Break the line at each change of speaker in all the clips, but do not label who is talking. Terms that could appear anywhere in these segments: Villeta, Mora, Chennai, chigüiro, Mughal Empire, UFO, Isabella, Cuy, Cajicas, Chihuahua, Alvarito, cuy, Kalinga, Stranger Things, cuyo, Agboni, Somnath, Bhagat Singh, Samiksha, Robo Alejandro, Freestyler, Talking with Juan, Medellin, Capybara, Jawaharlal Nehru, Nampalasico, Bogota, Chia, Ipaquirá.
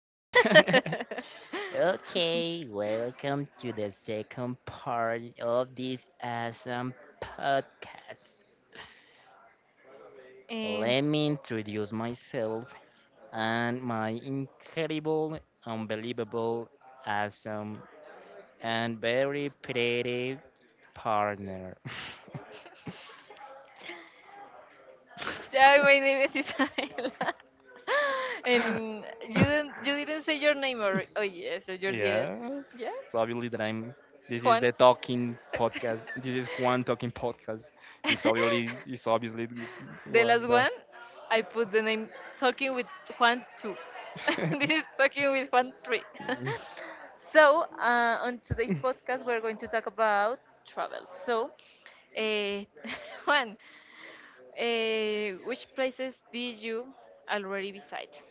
Okay, welcome to the second part of this awesome podcast.
And
Let me introduce myself and my incredible, unbelievable, awesome, and very pretty partner.
yeah, my name is Isabella. And you didn't say your name, or oh yeah, so you did it.
Yeah,
Yes,
so obviously that I'm. This is
Juan.
the talking podcast. This is Juan talking podcast. It's obviously it's obviously
The last
what
one,
that.
I put the name Talking with Juan 2. This is Talking with Juan 3. So, on today's podcast, we're going to talk about travel. So, uh, Juan, which places did you already visit?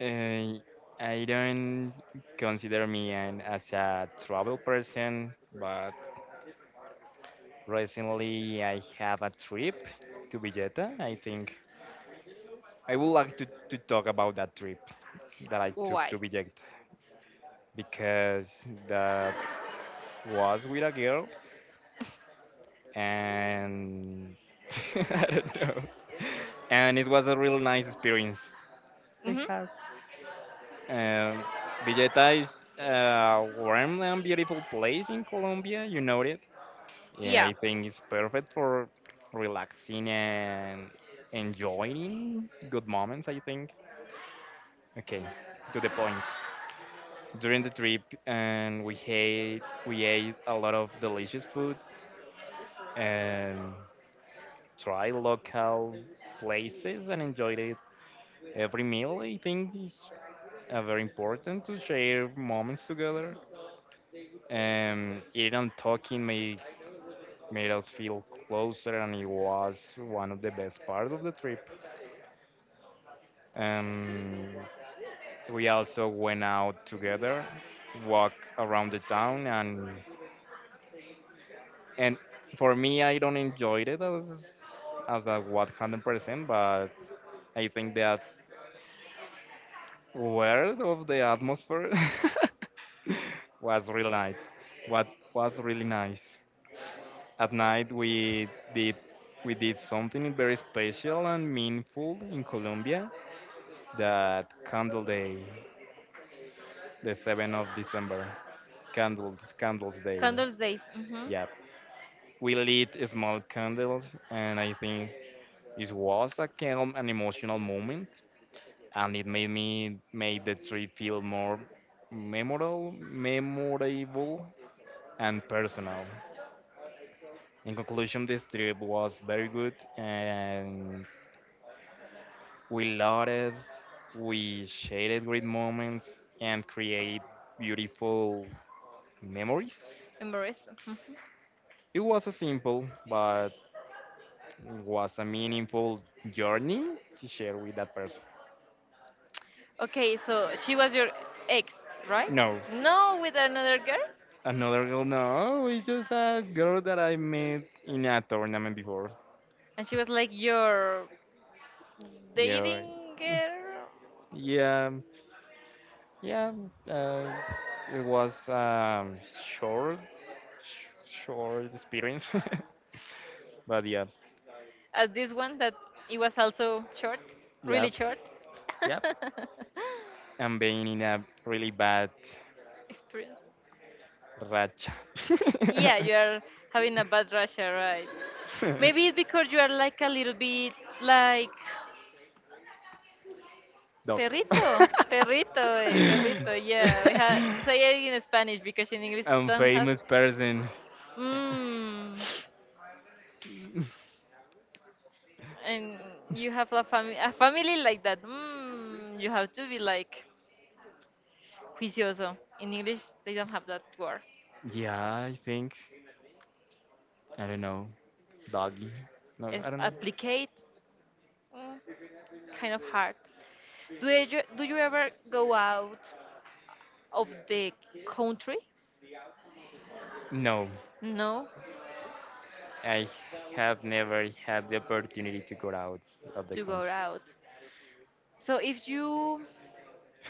Uh, I don't consider me an, as a travel person, but recently I have a trip to Villeta. I think I would like to talk about that trip that I took to
Why?
Villeta because that was with a girl and I don't know. And it was a really nice experience. I
Hmm.
have. Um, Villeta is a warm and beautiful place in Colombia, you know it. Yeah,
Yeah,
I think it's perfect for relaxing and enjoying good moments, I think. Okay, to the point. During the trip, and we ate a lot of delicious food and tried local places and enjoyed it. Every meal, I think, is very important to share moments together. Eating and made us feel closer, and it was one of the best parts of the trip. Um, we also went out together, walk around the town, and for me, I don't enjoy it as a 100%, but I think that word of the atmosphere was really nice. What was really nice. At night, did we did something very special and meaningful in Colombia, that candle day, the 7th of December. Candles, Candles Day.
Candles Days. Hmm.
Yep. We lit small candles, and I think it was a calm and emotional moment, and it made the trip feel more memorable, and personal. In conclusion, this trip was very good, and we lauded, we shared great moments, and create beautiful memories.
Embarrassed. Hmm.
It was a simple but was a meaningful journey to share with that person.
Okay, so she was your ex, right?
No,
No, with another girl?
another girl, no, it's just a girl that I met in a tournament before.
And she was like your
Yeah,
dating girl,
yeah, yeah. Uh, it was short, short experience, but yeah,
as this one that it was also short,
yeah,
really short.
yeah. I'm being in a really bad
Experience.
racha.
Yeah, you are having a bad Russia, right? Maybe it's because you are like a little bit like
Doc.
perrito, perrito, perrito. Yeah, we had say it in Spanish because in English
I'm
don't have.
famous person.
Mmm. And you have a family like that. Mmm. You have to be like Juicioso. In English, they don't have that word.
Yeah, I think. I don't know. Doggy. No,
It's
I don't know.
applicate, mm, kind of hard. Do you ever go out of the country?
No,
No,
I have never had the opportunity to go out of the
to go
country.
out. So if you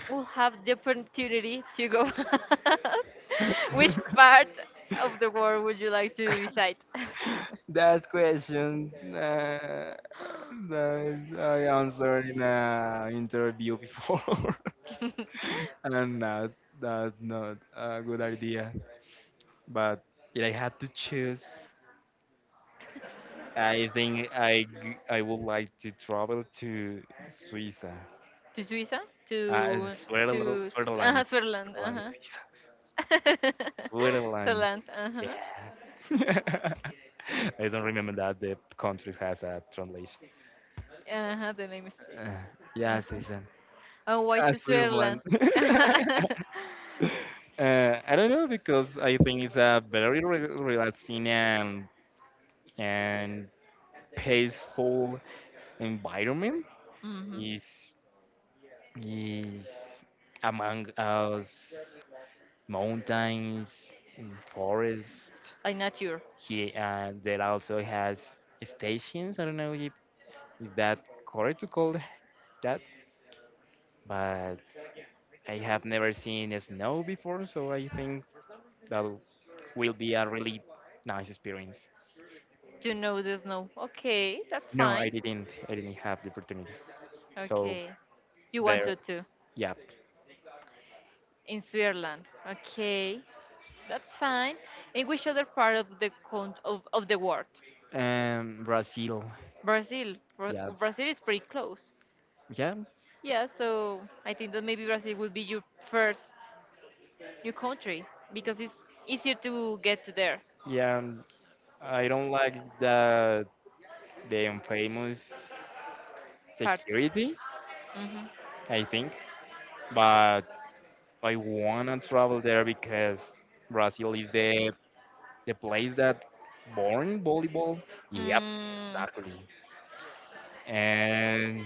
will have the opportunity to go out, which part of the world would you like to visit?
That question, that I answered in a interview before, and that's not a good idea. But if I had to choose, I think I g- I would like to travel to Suiza,
To Suiza, to
Switzerland,
to
Switzerland,
uh-huh, Switzerland,
Switzerland,
uh-huh.
Suiza, Switzerland.
Switzerland, uh-huh.
Yeah. I don't remember that the country has a translation.
Uh-huh, the name is
Uh, yeah,
uh-huh.
Suiza,
Oh, why to
Switzerland.
Switzerland?
I don't know because I think it's a very relaxing and peaceful environment.
Mm-hmm.
Is is among us mountains and forest.
Like nature.
He, there also has stations. I don't know if is that correct to call that, but I have never seen a snow before, so I think that will be a really nice experience.
To know the snow. Okay, that's
No,
fine.
I didn't have the opportunity, so
Okay. You
there,
wanted to
yeah.
in Switzerland. Okay. That's fine. In which other part of the world?
Brazil.
Brazil.
Yeah,
Brazil is pretty close.
yeah,
Yeah, so I think that maybe Brazil will be your first new country because it's easier to get to their
yeah, I don't like that, the infamous
part.
security,
Hmm.
I think. But I wanna travel there because Brazil is the place that born volleyball. Yep,
Mm,
exactly. And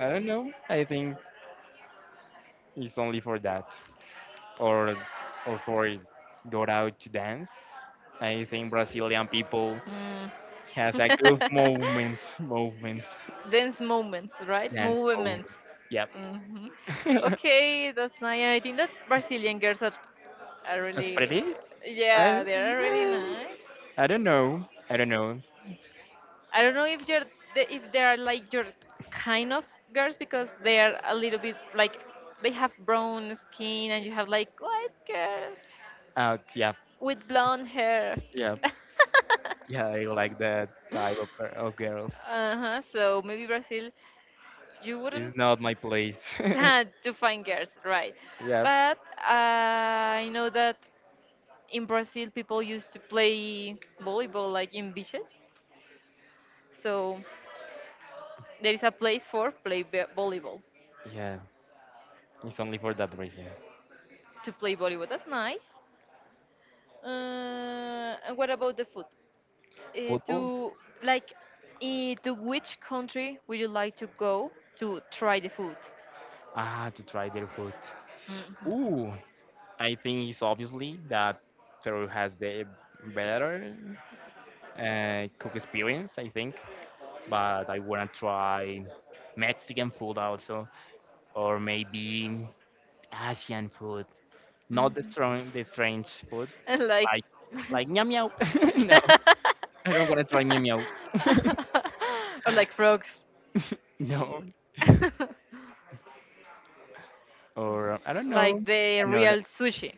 I don't know. I think it's only for that, or or for go out to dance. I think Brazilian people
mm.
has a good movements, movements,
Dance moments, right?
dance
Movements.
movements. Yep.
Hmm. Okay, that's nice. And I think that Brazilian girls are
That's
really,
pretty. I,
yeah, they are really
eh,
nice.
I don't know. I don't know.
I don't know if you're if they are like your kind of girls because they are a little bit like they have brown skin and you have like white girls
Yeah,
with blonde hair.
yeah, yeah. I like that type of of girls.
Uh huh. So maybe Brazil, you wouldn't
It's not my place.
sad to find girls, right?
Yeah,
But uh, I know that in Brazil, people used to play volleyball like in beaches. So there is a place for play volleyball.
yeah. It's only for that reason.
To play volleyball, that's nice. And what about the food? Uh,
Football.
to like, to which country would you like to go to try the food?
Ah, to try their food.
Mhm.
Ooh, I think it's obviously that Peru has the better cook experience. I think, but I wanna try Mexican food also, or maybe Asian food. Not
Mhm.
the strange food,
And like,
like like meow meow. No, I don't want to try meow meow.
or like frogs,
No, or I don't know.
like
I
the
another.
real sushi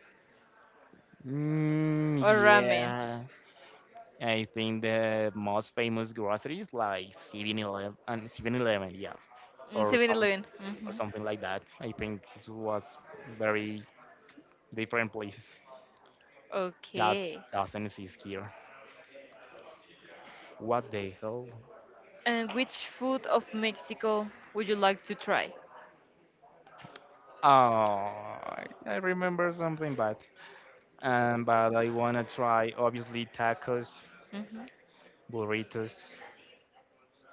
or ramen.
Yeah, I think the most famous groceries like 7-Eleven and 7-Eleven. Yeah, or some
Mm,
or
mhm.
something like that. I think this was very different places that
Okay.
doesn't exist here. What the hell?
And which food of Mexico would you like to try?
Oh, I remember something bad. But I wanna try obviously tacos,
Mhm.
burritos,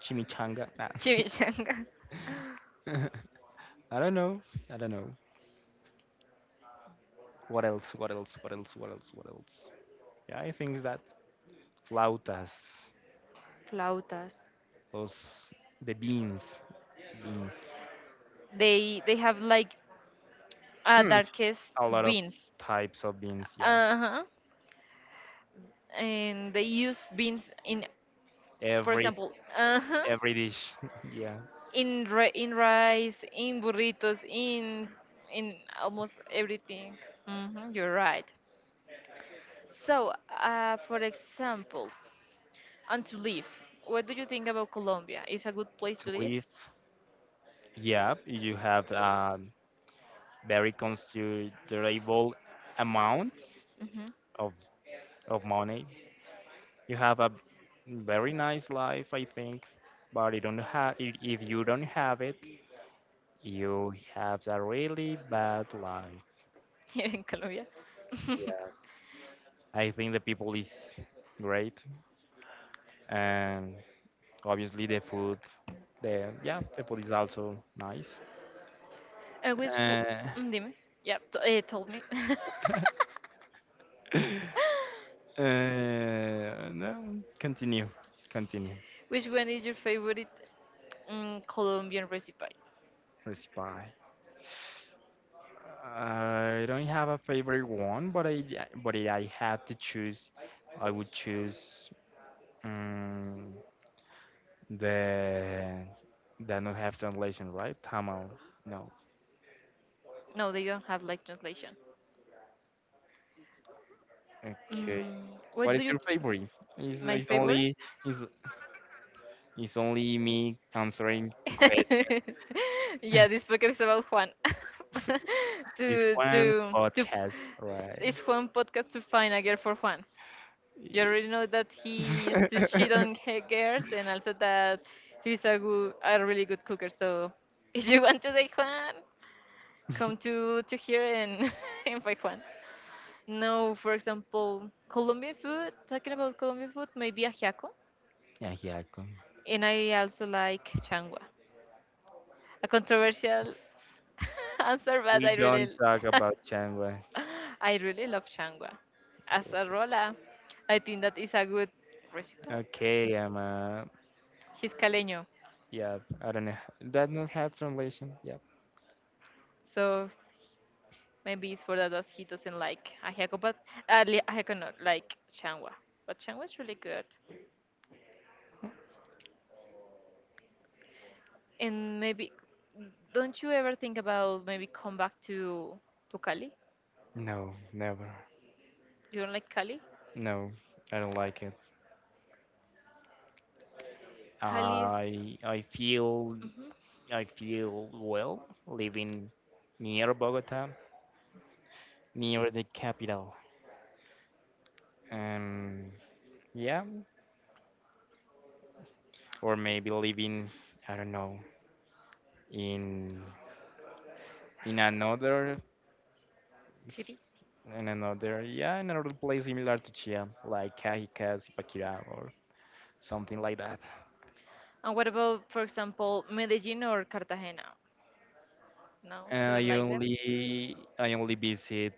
Chimichanga. Nah.
Chimichanga.
I don't know. I don't know. What else? What else? What else? What else? What else? Yeah, I think that flautas,
Flautas.
those the beans, beans.
They have like
Hmm.
darkest
A lot of
beans.
types of beans. Yeah.
Uh huh. And they use beans in, for
Every
example, uh huh,
every dish. Yeah.
in rice, in burritos, in almost everything. Hmm. You're right. So, for example, and to live. What do you think about Colombia? Is a good place to
To
live?
live. Yeah. You have very considerable amount
Hmm.
of of money. You have a very nice life, I think, but you don't have, if you don't have it, you have a really bad life.
Here in Colombia.
Yeah. I think the people is great, and obviously the food, the yeah, the food is also nice.
And which?
Uh,
Mm, Dime. Yeah, told me.
no, continue, continue.
Which one is your favorite Colombian recipe?
Let's buy. I don't have a favorite one, but I, but if I had to choose, I would choose um, the that not have translation, right? Tamil. No.
No, they don't have like translation.
Okay.
Mm, what
What is
do you?
your favorite? It's,
My
it's
favorite?
only it's, it's only me answering questions.
Yeah, this podcast is about Juan.
It's
to
Juan's
to to. f-
podcast, right?
It's Juan podcast to find a girl for Juan. You already know that he used to cheat
Yeah,
on girls, and also that he's a really good cooker. So, if you want to date Juan, come to here and and find Juan. No, for example, Colombian food, talking about Colombian food, maybe ajiaco.
yeah. Yeah, come.
And I also like changua. A controversial answer, but
We
I
don't
really,
talk about genre.
I really love changua. As a rola, I think that is a good recipe.
Okay, I'm
He's caleño,
yeah, I don't know. That not have translation. Yeah.
so maybe it's for that that he doesn't like ajiaco, but ajiaco not like changua. But changua is really good. And maybe, don't you ever think about maybe come back to Cali?
No, never.
You don't like Cali?
No, I don't like it.
Cali's,
I feel,
mhm,
I feel well living near Bogota, near the capital. Um, yeah, or maybe living, I don't know, in in another
city.
s- in another, yeah, in another place similar to Chia, like Cajicas, Ipaquirá, or something like that.
And what about, for example, Medellin or Cartagena? No, you don't like them.
I only visit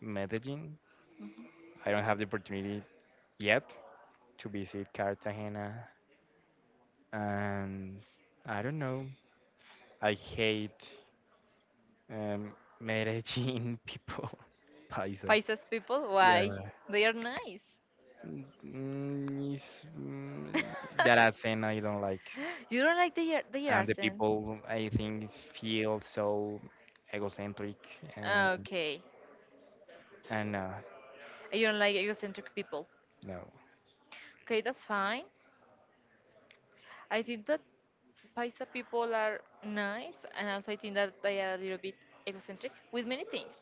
Medellin.
Mhm.
I don't have the opportunity yet to visit Cartagena, and I don't know. I hate um, Medellin people, paisas.
Paisas people,
Yeah.
why? They are nice.
It's, that accent I don't like,
You don't like the
and the
accent.
people I think feel so egocentric, and
Okay.
and
You don't like egocentric people.
no,
Okay, that's fine. I think that Paisa people are nice, and also I think that they are a little bit egocentric with many things.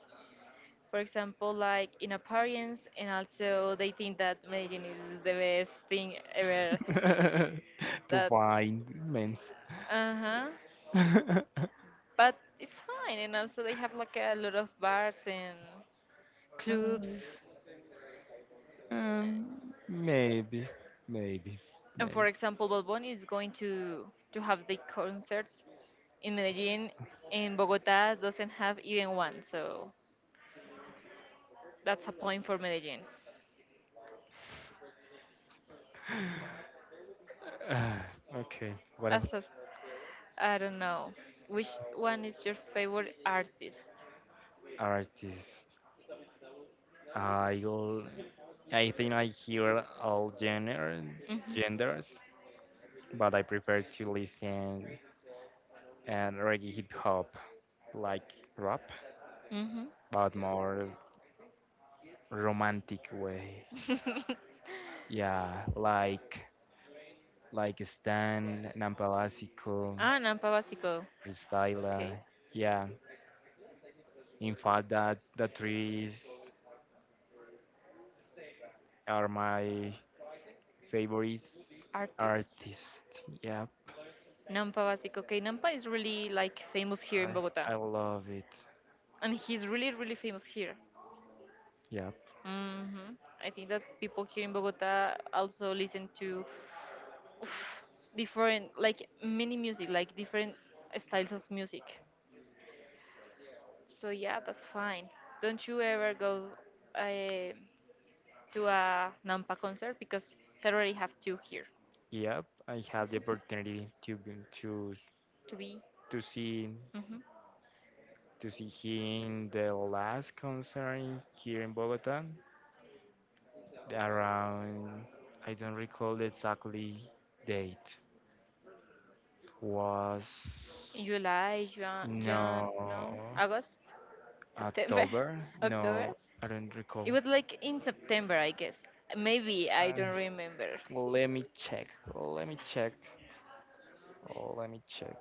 For example, like in appearance, and also they think that Medellin is the best thing ever.
to
That,
find means.
uh huh. But it's fine, and also they have like a lot of bars and
Uh,
clubs.
um, maybe, maybe,
And for
maybe.
example, Balboni is going to have the concerts in Medellin. And Bogota doesn't have even one, so that's a point for Medellin.
Ah, okay, what
As
else?
I don't know. Which one is your favorite artist?
Artists. i l- I think I hear all gender,
Mhm.
genders, but I prefer to listen and reggae hip hop, like rap,
Mhm.
but more romantic way. Yeah, like Stan, Nampalasico,
Nampa Básico. Okay.
Freestyler. Yeah, in fact, that the trees are my favorite
Artist.
artist. Yep,
Nampa Básico. Okay, Nampa is really like famous here in Bogota.
I, I love it.
And he's really, really famous here.
Yep,
Hmm. I think that people here in Bogota also listen to oof, different, like mini music, like different styles of music. So yeah, that's fine. Don't you ever go uh, to a Nampa concert because they already have two here
yep. I had the opportunity
to be
to see
hmm
to see him the last concert here in Bogota around, I don't recall the exactly date. Was
in July, Jan, Jan, no,
no
August, September,
October?
October.
No, I don't recall.
It was like in September, I guess. Maybe I
Uh,
don't remember.
let me check. Let me check. Let me check.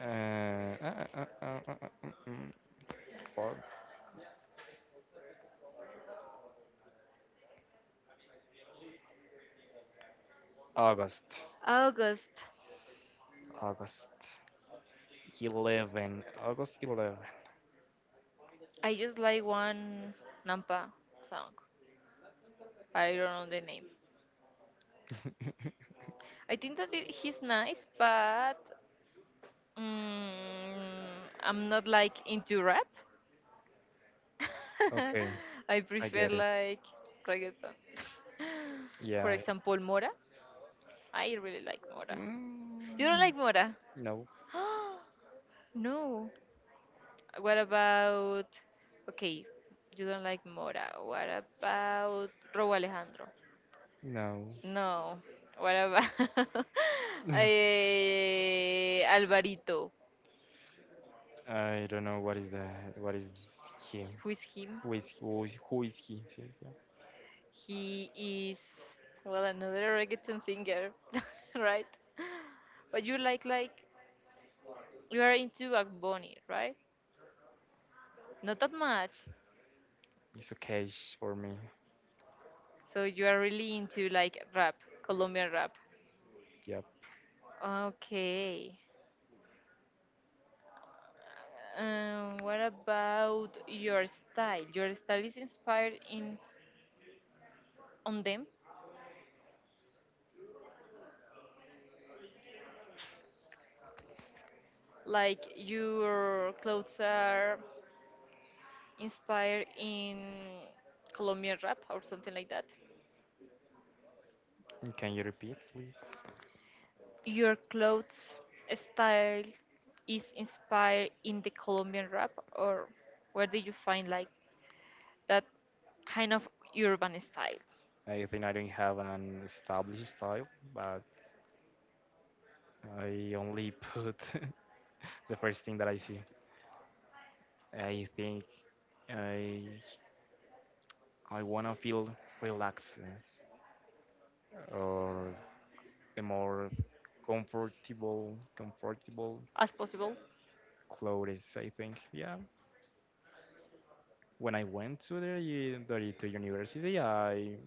Uh, uh, uh, uh, uh, uh, uh, mm, for August.
August.
August 11. August 11.
I just like one Nampa song. I don't know the name. I think that it, he's nice, but I'm not like into rap.
Okay,
I
I
prefer
get it.
like reggaeton. For
Yeah.
example, Mora. I really like Mora.
Mm,
You don't like Mora?
no,
No. What about? Okay, you don't like Mora. What about Robo Alejandro?
no.
No. What about Alvarito?
I don't know what is the what is he?
Who is him?
Who is he? Who is he? See, yeah.
He is well another reggaeton singer, right? But you like you are into Agboni, right? Not that much.
It's okay for me.
So you are really into like rap, Colombian rap.
Yep.
Okay. What about your style? Your style is inspired in on them, like your clothes are inspired in Colombian rap or something like that.
And can you repeat, please?
Your clothes style is inspired in the Colombian rap, or where did you find like that kind of urban style
I think I don't have an established style, but I only put the first thing that I see. I think I I wanna feel relaxed or a more comfortable
as possible
clothes. I think yeah. When I went to the, to university, I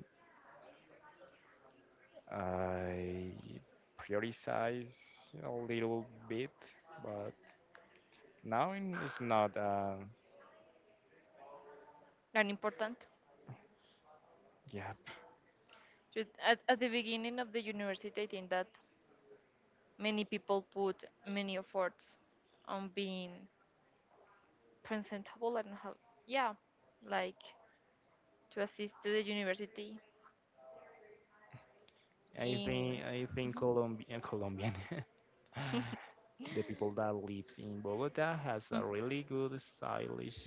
I prioritize a little bit, but now it's not.
and important?
Yeah,
At the beginning of the university, I think that many people put many efforts on being presentable and how, yeah, like to assist to the university in.
I think
Mhm.
Colombian Colombian. The people that lives in Bogota has
Mm.
a really good stylish.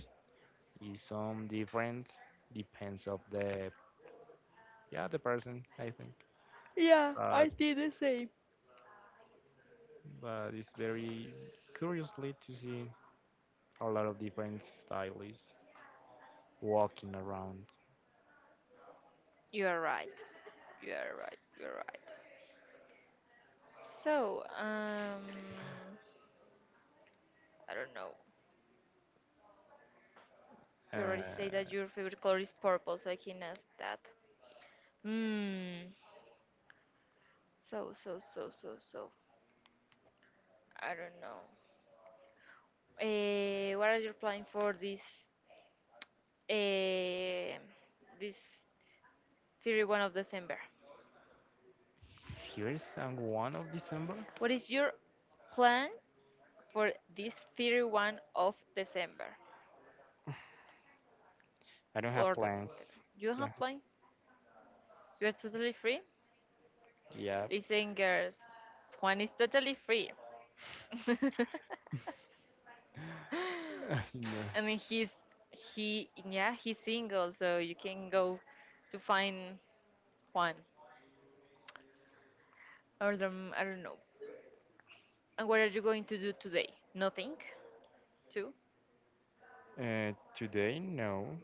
Is some different depends of the yeah the person I think.
Yeah, I
But
did the same.
but it's very curiously to see a lot of different stylists walking around.
You are right. You are right. You are right. So, I don't know. You
Uh,
already say that your favorite color is purple, so I can ask that. Hmm. So. I don't know. What are you planning for eh, this 31 of December.
here's on one of December.
What is your plan for this 31 of December
I don't have
or
plans.
December? You have plans? You are totally free.
Yeah.
Listen, girls, Juan is totally free.
No.
I mean, he's, he yeah, he's single, so you can go to find Juan. Or I don't know. And what are you going to do today? Nothing. Too.
Today, no.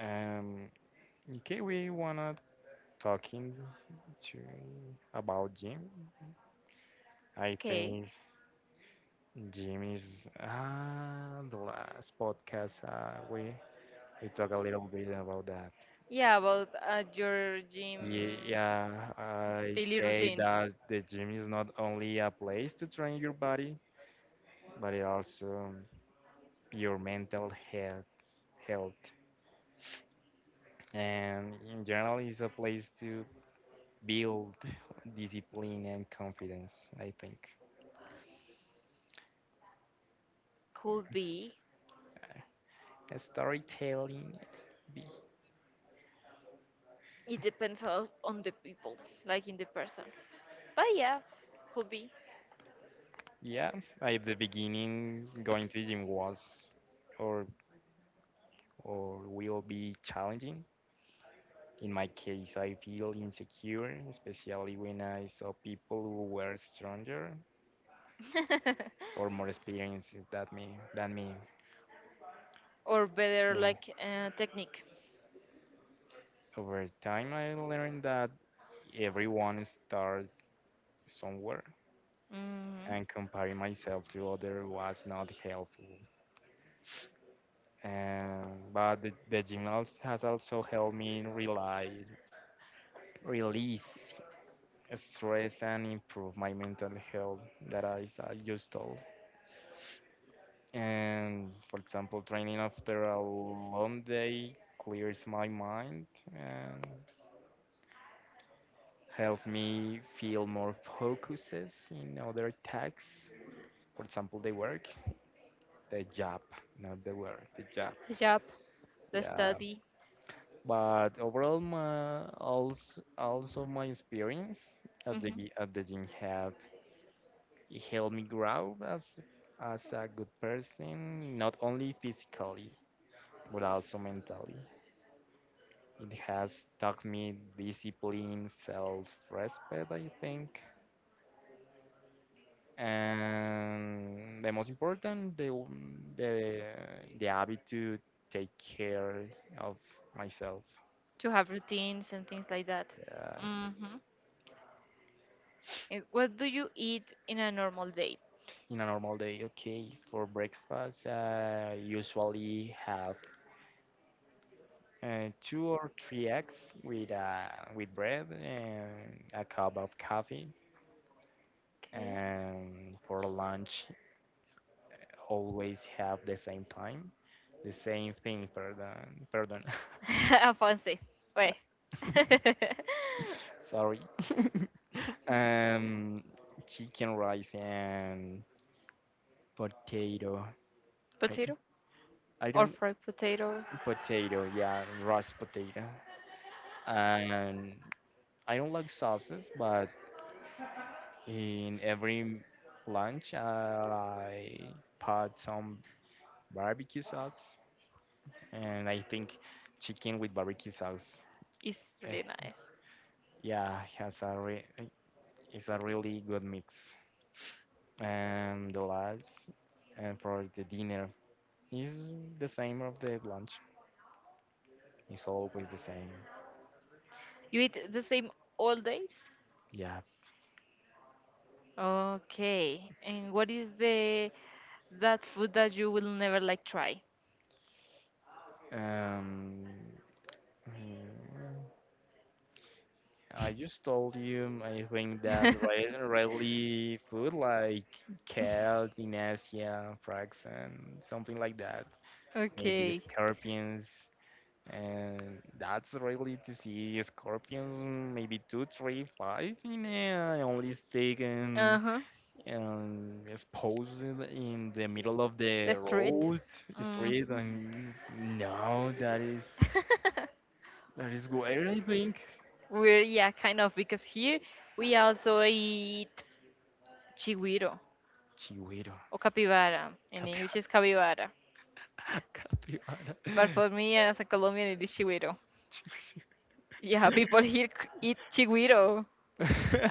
Um, okay, we wanna talking to about gym. I
Okay.
think gym is ah the last podcast, we talk a little bit about that.
Yeah, about your gym
Yeah, I
daily
say
routine.
that the gym is not only a place to train your body, but it also your mental health. And in general, it's a place to build discipline and confidence, I think.
Could be.
Storytelling. Be-
It depends on the people, like in the person. But yeah, could be.
Yeah, at the beginning, going to the gym was or or will be challenging. In my case, I feel insecure, especially when I saw people who were stronger or more experienced than me. Than me.
Or better
And
like technique
over time, I learned that everyone starts somewhere,
mm.
and comparing myself to others was not helpful. And but the gym has also helped me realize release stress and improve my mental health that I just told. And for example, training after a long day clears my mind and helps me feel more focuses in other tasks, for example, the job, not the work the job.
The job, the
Yeah.
study.
But overall, my also my experience
Hmm.
at the gym have it helped me grow as a good person, not only physically but also mentally. It has taught me discipline, self-respect, I think, and the most important, the the habit to take care of myself.
To have routines and things like that.
Yeah.
Hmm. What do you eat in a normal day?
In a normal day, okay, for breakfast, usually have 2 or 3 eggs with uh, with bread and a cup of coffee.
Okay.
And for lunch, always have the same time, the same thing. Pardon, pardon.
Fancy, wait.
Sorry. Um, chicken rice and potato. I
Potato
I
or
don't
fried potato.
potato. Yeah, roast potato. And I don't like sauces, but in every lunch I put some barbecue sauce, and I think chicken with barbecue sauce.
Is
eh,
really nice.
yeah, it's a really good mix. And the last, and for the dinner is the same of the lunch. It's always the same.
You eat the same all days.
Yeah.
Okay. And what is the that food that you will never like try?
Um. mm, I just told you, I think that rice and really food like cat in Asia, frogs, and something like that. Maybe
Okay.
scorpions, and that's really to see scorpions. Maybe two, three, five in a only stick
Uh-huh.
and exposed in the middle of the
The street.
road
Hmm.
street. And no, that is where I really think.
We're, yeah, kind of, because here we also eat chigüiro
Chihuahua.
or capybara. In English, is
Capibara.
capybara,
Capybara.
but for me as a Colombian, it is chigüiro. Yeah, people here eat chigüiro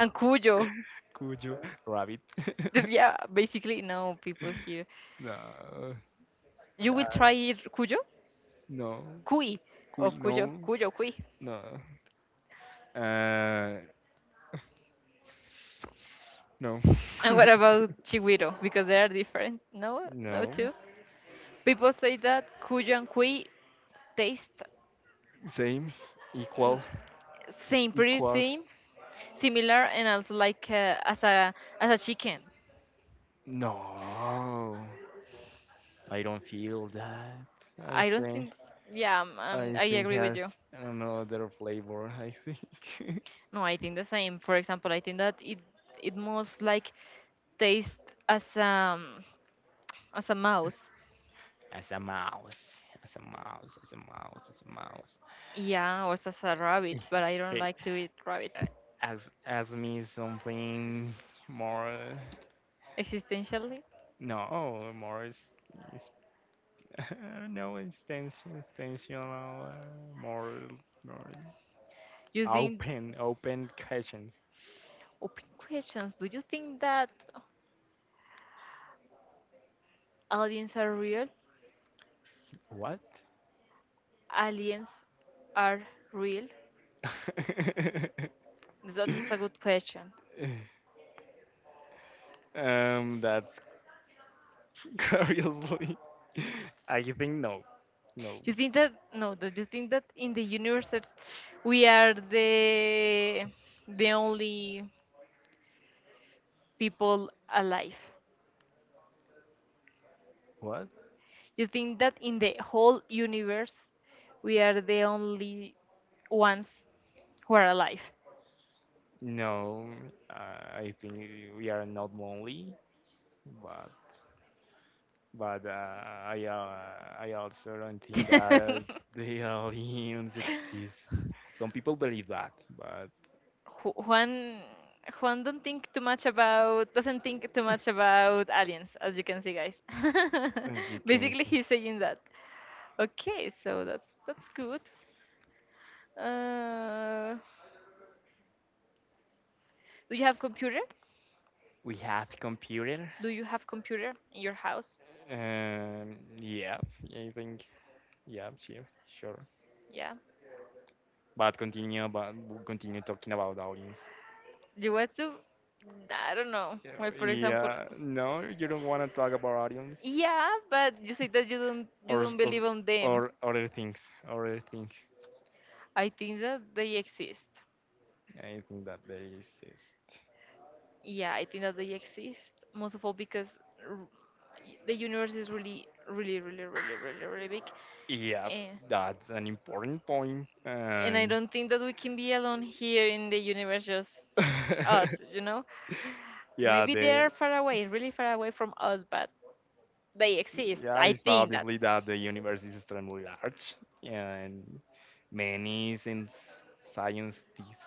and cuyo.
Cuyo. Rabbit.
Yeah, basically, no people here.
No.
You will try
that-
it cuyo,
no.
cuy, or
Cuy.
cuyo,
No.
cuyo, cuy.
No. Uh, no.
And what about chigüiro? Because they are different. No, no,
No.
too. People say that cuyo and cuy taste
Same.
mm,
Equal.
same, pretty
Equals.
same, similar, and also like as a chicken.
No. I don't feel that. I
I don't
think.
think. Yeah, um, um,
I
I
think
agree with
has
you.
another flavor. I think.
No, I think the same. For example, I think that it most like taste as um as a mouse,
As a mouse. As a mouse. As a mouse. As a mouse.
yeah, or as a rabbit. But I don't
Hey,
like to eat rabbit.
uh, ask me something more.
Existentially,
No, more is I don't know. It's more, more
you think
open, open questions.
open questions. Do you think that aliens are real?
What?
Aliens are real. That's a good question.
That's curiously. I think no, no.
You think that no? Do you think that in the universe that we are the only people alive.
What?
You think that in the whole universe, we are the only ones who are alive.
No, I think we are not lonely, but I also don't think that
Ju-
the aliens exist. Some people believe that, but
Juan Juan don't think too much about, doesn't think too much about aliens, as you can see, guys.
as you can
Basically,
see,
he's saying that. Okay, so that's good. Uh, do you have computer?
we have computer.
Do you have computer in your house?
Yeah, I think yeah, sure, sure.
Yeah.
But continue, but we'll continue talking about aliens.
You want to? I don't know.
Yeah,
Like for example,
yeah, no, you don't want to talk about aliens
yeah, but you say that you don't you
or s-
don't
or s-
believe on them.
or other things, other things.
I think that they exist.
I think that they exist.
Yeah, I think that they exist. Most of all because r- the universe is really, really, really, really, really, really big.
Yeah,
And,
that's an important point.
and, I
And
don't think that we can be alone here in the universe, just us, you know?
yeah,
Maybe they
the
are far away, really far away from us, but they exist.
yeah,
I
it's
think that.
obviously that the universe is extremely large and many since scientists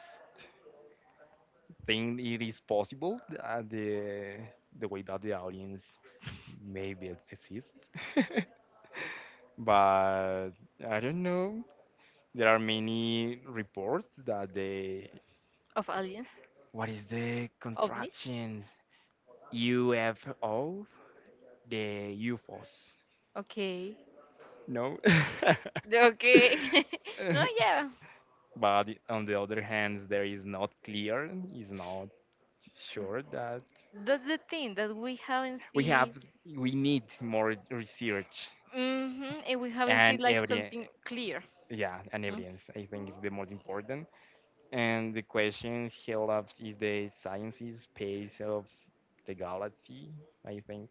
think it is possible that the way that the audience maybe exists. But I don't know. There are many reports that they.
Of aliens?
What is the
OVNIs?
contraction? UFO? The UFOs.
Okay.
No?
Okay. No, yeah.
But on the other hand, there is not clear, is not sure that
That's the thing that we haven't
we have,
seen.
we need more research
Hmm. And we haven't seen
and
like
evidence.
something clear.
Yeah, and
Mm.
evidence, I think, is the most important. And the question helps is the sciences space of the galaxy, I think.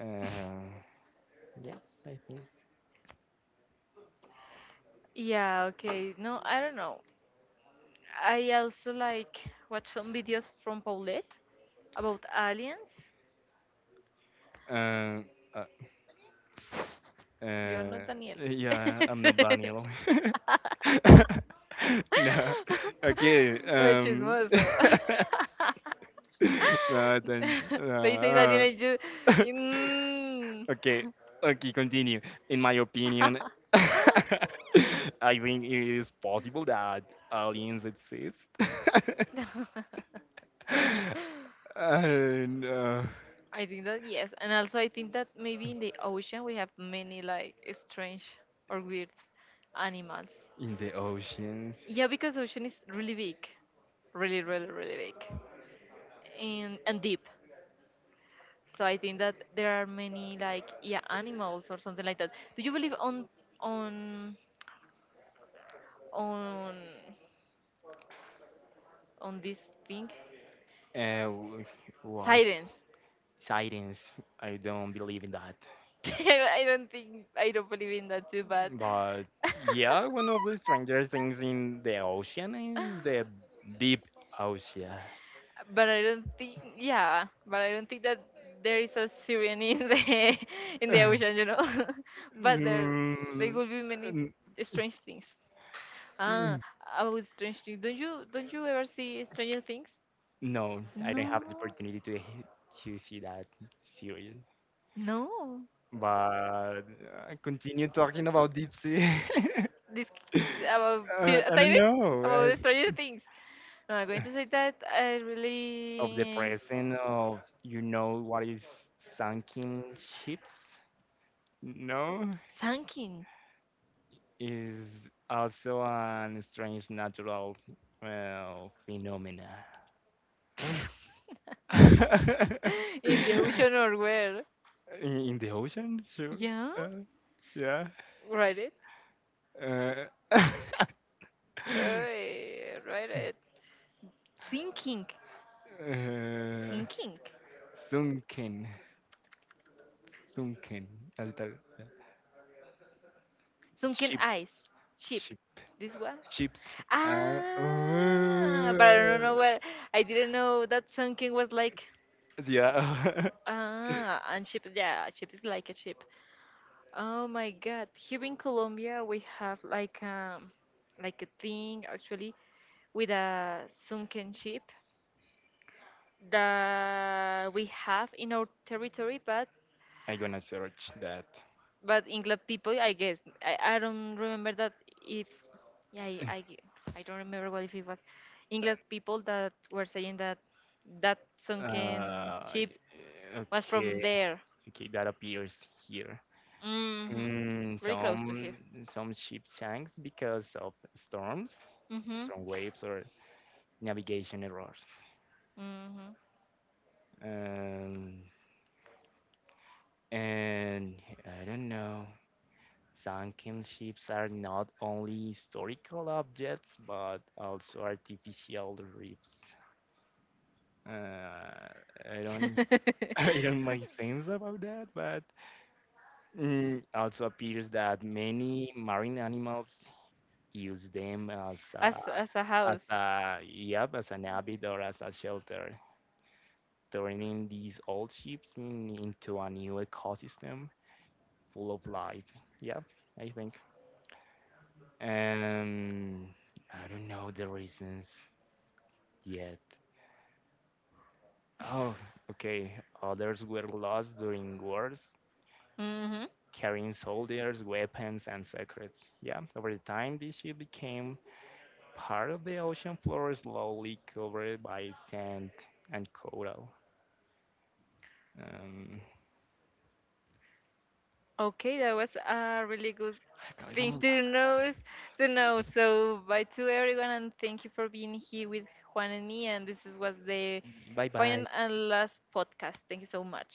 Uh, yeah, I think.
Yeah, okay. No, I don't know. I also like watch some videos from Paulette about aliens.
Uh, uh,
You're not
uh,
Daniel.
yeah, I'm not Daniel. No, okay.
Oh, chismoso.
No, then
They say Daniel
no,
and you.
uh,
Mm.
okay, okay. Continue. In my opinion, I think it is possible that aliens exist. and
I think that yes, and also I think that maybe in the ocean we have many like strange or weird animals.
In the oceans.
Yeah, because ocean is really big, really, really, really big, and deep. So I think that there are many like yeah animals or something like that. Do you believe on on on this thing?
Uh, w- what?
Sirens.
Sightings. I don't believe in that.
I don't think, I don't believe in that too, but
But yeah, one of the strangest things in the ocean is the deep ocean.
but I don't think, yeah, but I don't think that there is a siren in the in the ocean, you know. But there
Mm,
will be many
mm,
strange things. Ah,
mm.
about strange things. Don't you ever see Stranger Things?
No, I don't have the
No,
opportunity to see that series.
no.
But continue talking about deep sea.
This about
I don't
sirens
know.
about Stranger Things. No, I'm going to say that I
Of the
really
present of you know what is sunken ships no
Sankin.
is also an strange natural well phenomena.
In the
in,
ocean or where?
in the ocean sure
Yeah,
uh, yeah
write it.
uh,
Hey, write it. Sinking,
uh,
sinking.
sunken sunken as it yeah.
Sunken
Ship
ice, ship.
ship
This one.
ships uh,
Ah, but I don't know where. I didn't know that sunken was like.
Yeah.
Ah, and ship. Yeah, a ship is like a ship. Oh my God! Here in Colombia, we have like a thing actually with a sunken ship that we have in our territory, but
I'm gonna search that.
but English people, I guess I don't remember that if yeah I don't remember what if it was English people that were saying that that sunken
Uh,
ship was from
okay.
there.
Okay, that appears here.
Hmm.
Mm,
Very close to here.
some ship sinks because of storms,
Hmm.
storm waves, or navigation errors.
Hmm.
Um, and I don't know. Sunken ships are not only historical objects but also artificial reefs. Uh, I don't even my sense about that, but mm, also appears that many marine animals use them
as a
as
house.
a yep as an habit or as a shelter, turning these old ships in, into a new ecosystem full of life. Yep, I think. Um, I don't know the reasons yet. Oh, okay. Others were lost during wars
Hmm.
carrying soldiers, weapons, and secrets. Yeah, over the time, this ship became part of the ocean floor, slowly covered by sand and coral. Um,
Okay, that was a really good thing
acabezamos.
to know to know. So bye to everyone and thank you for being here with Juan and me. And this is, was the
Bye
final
bye.
and last podcast. Thank you so much.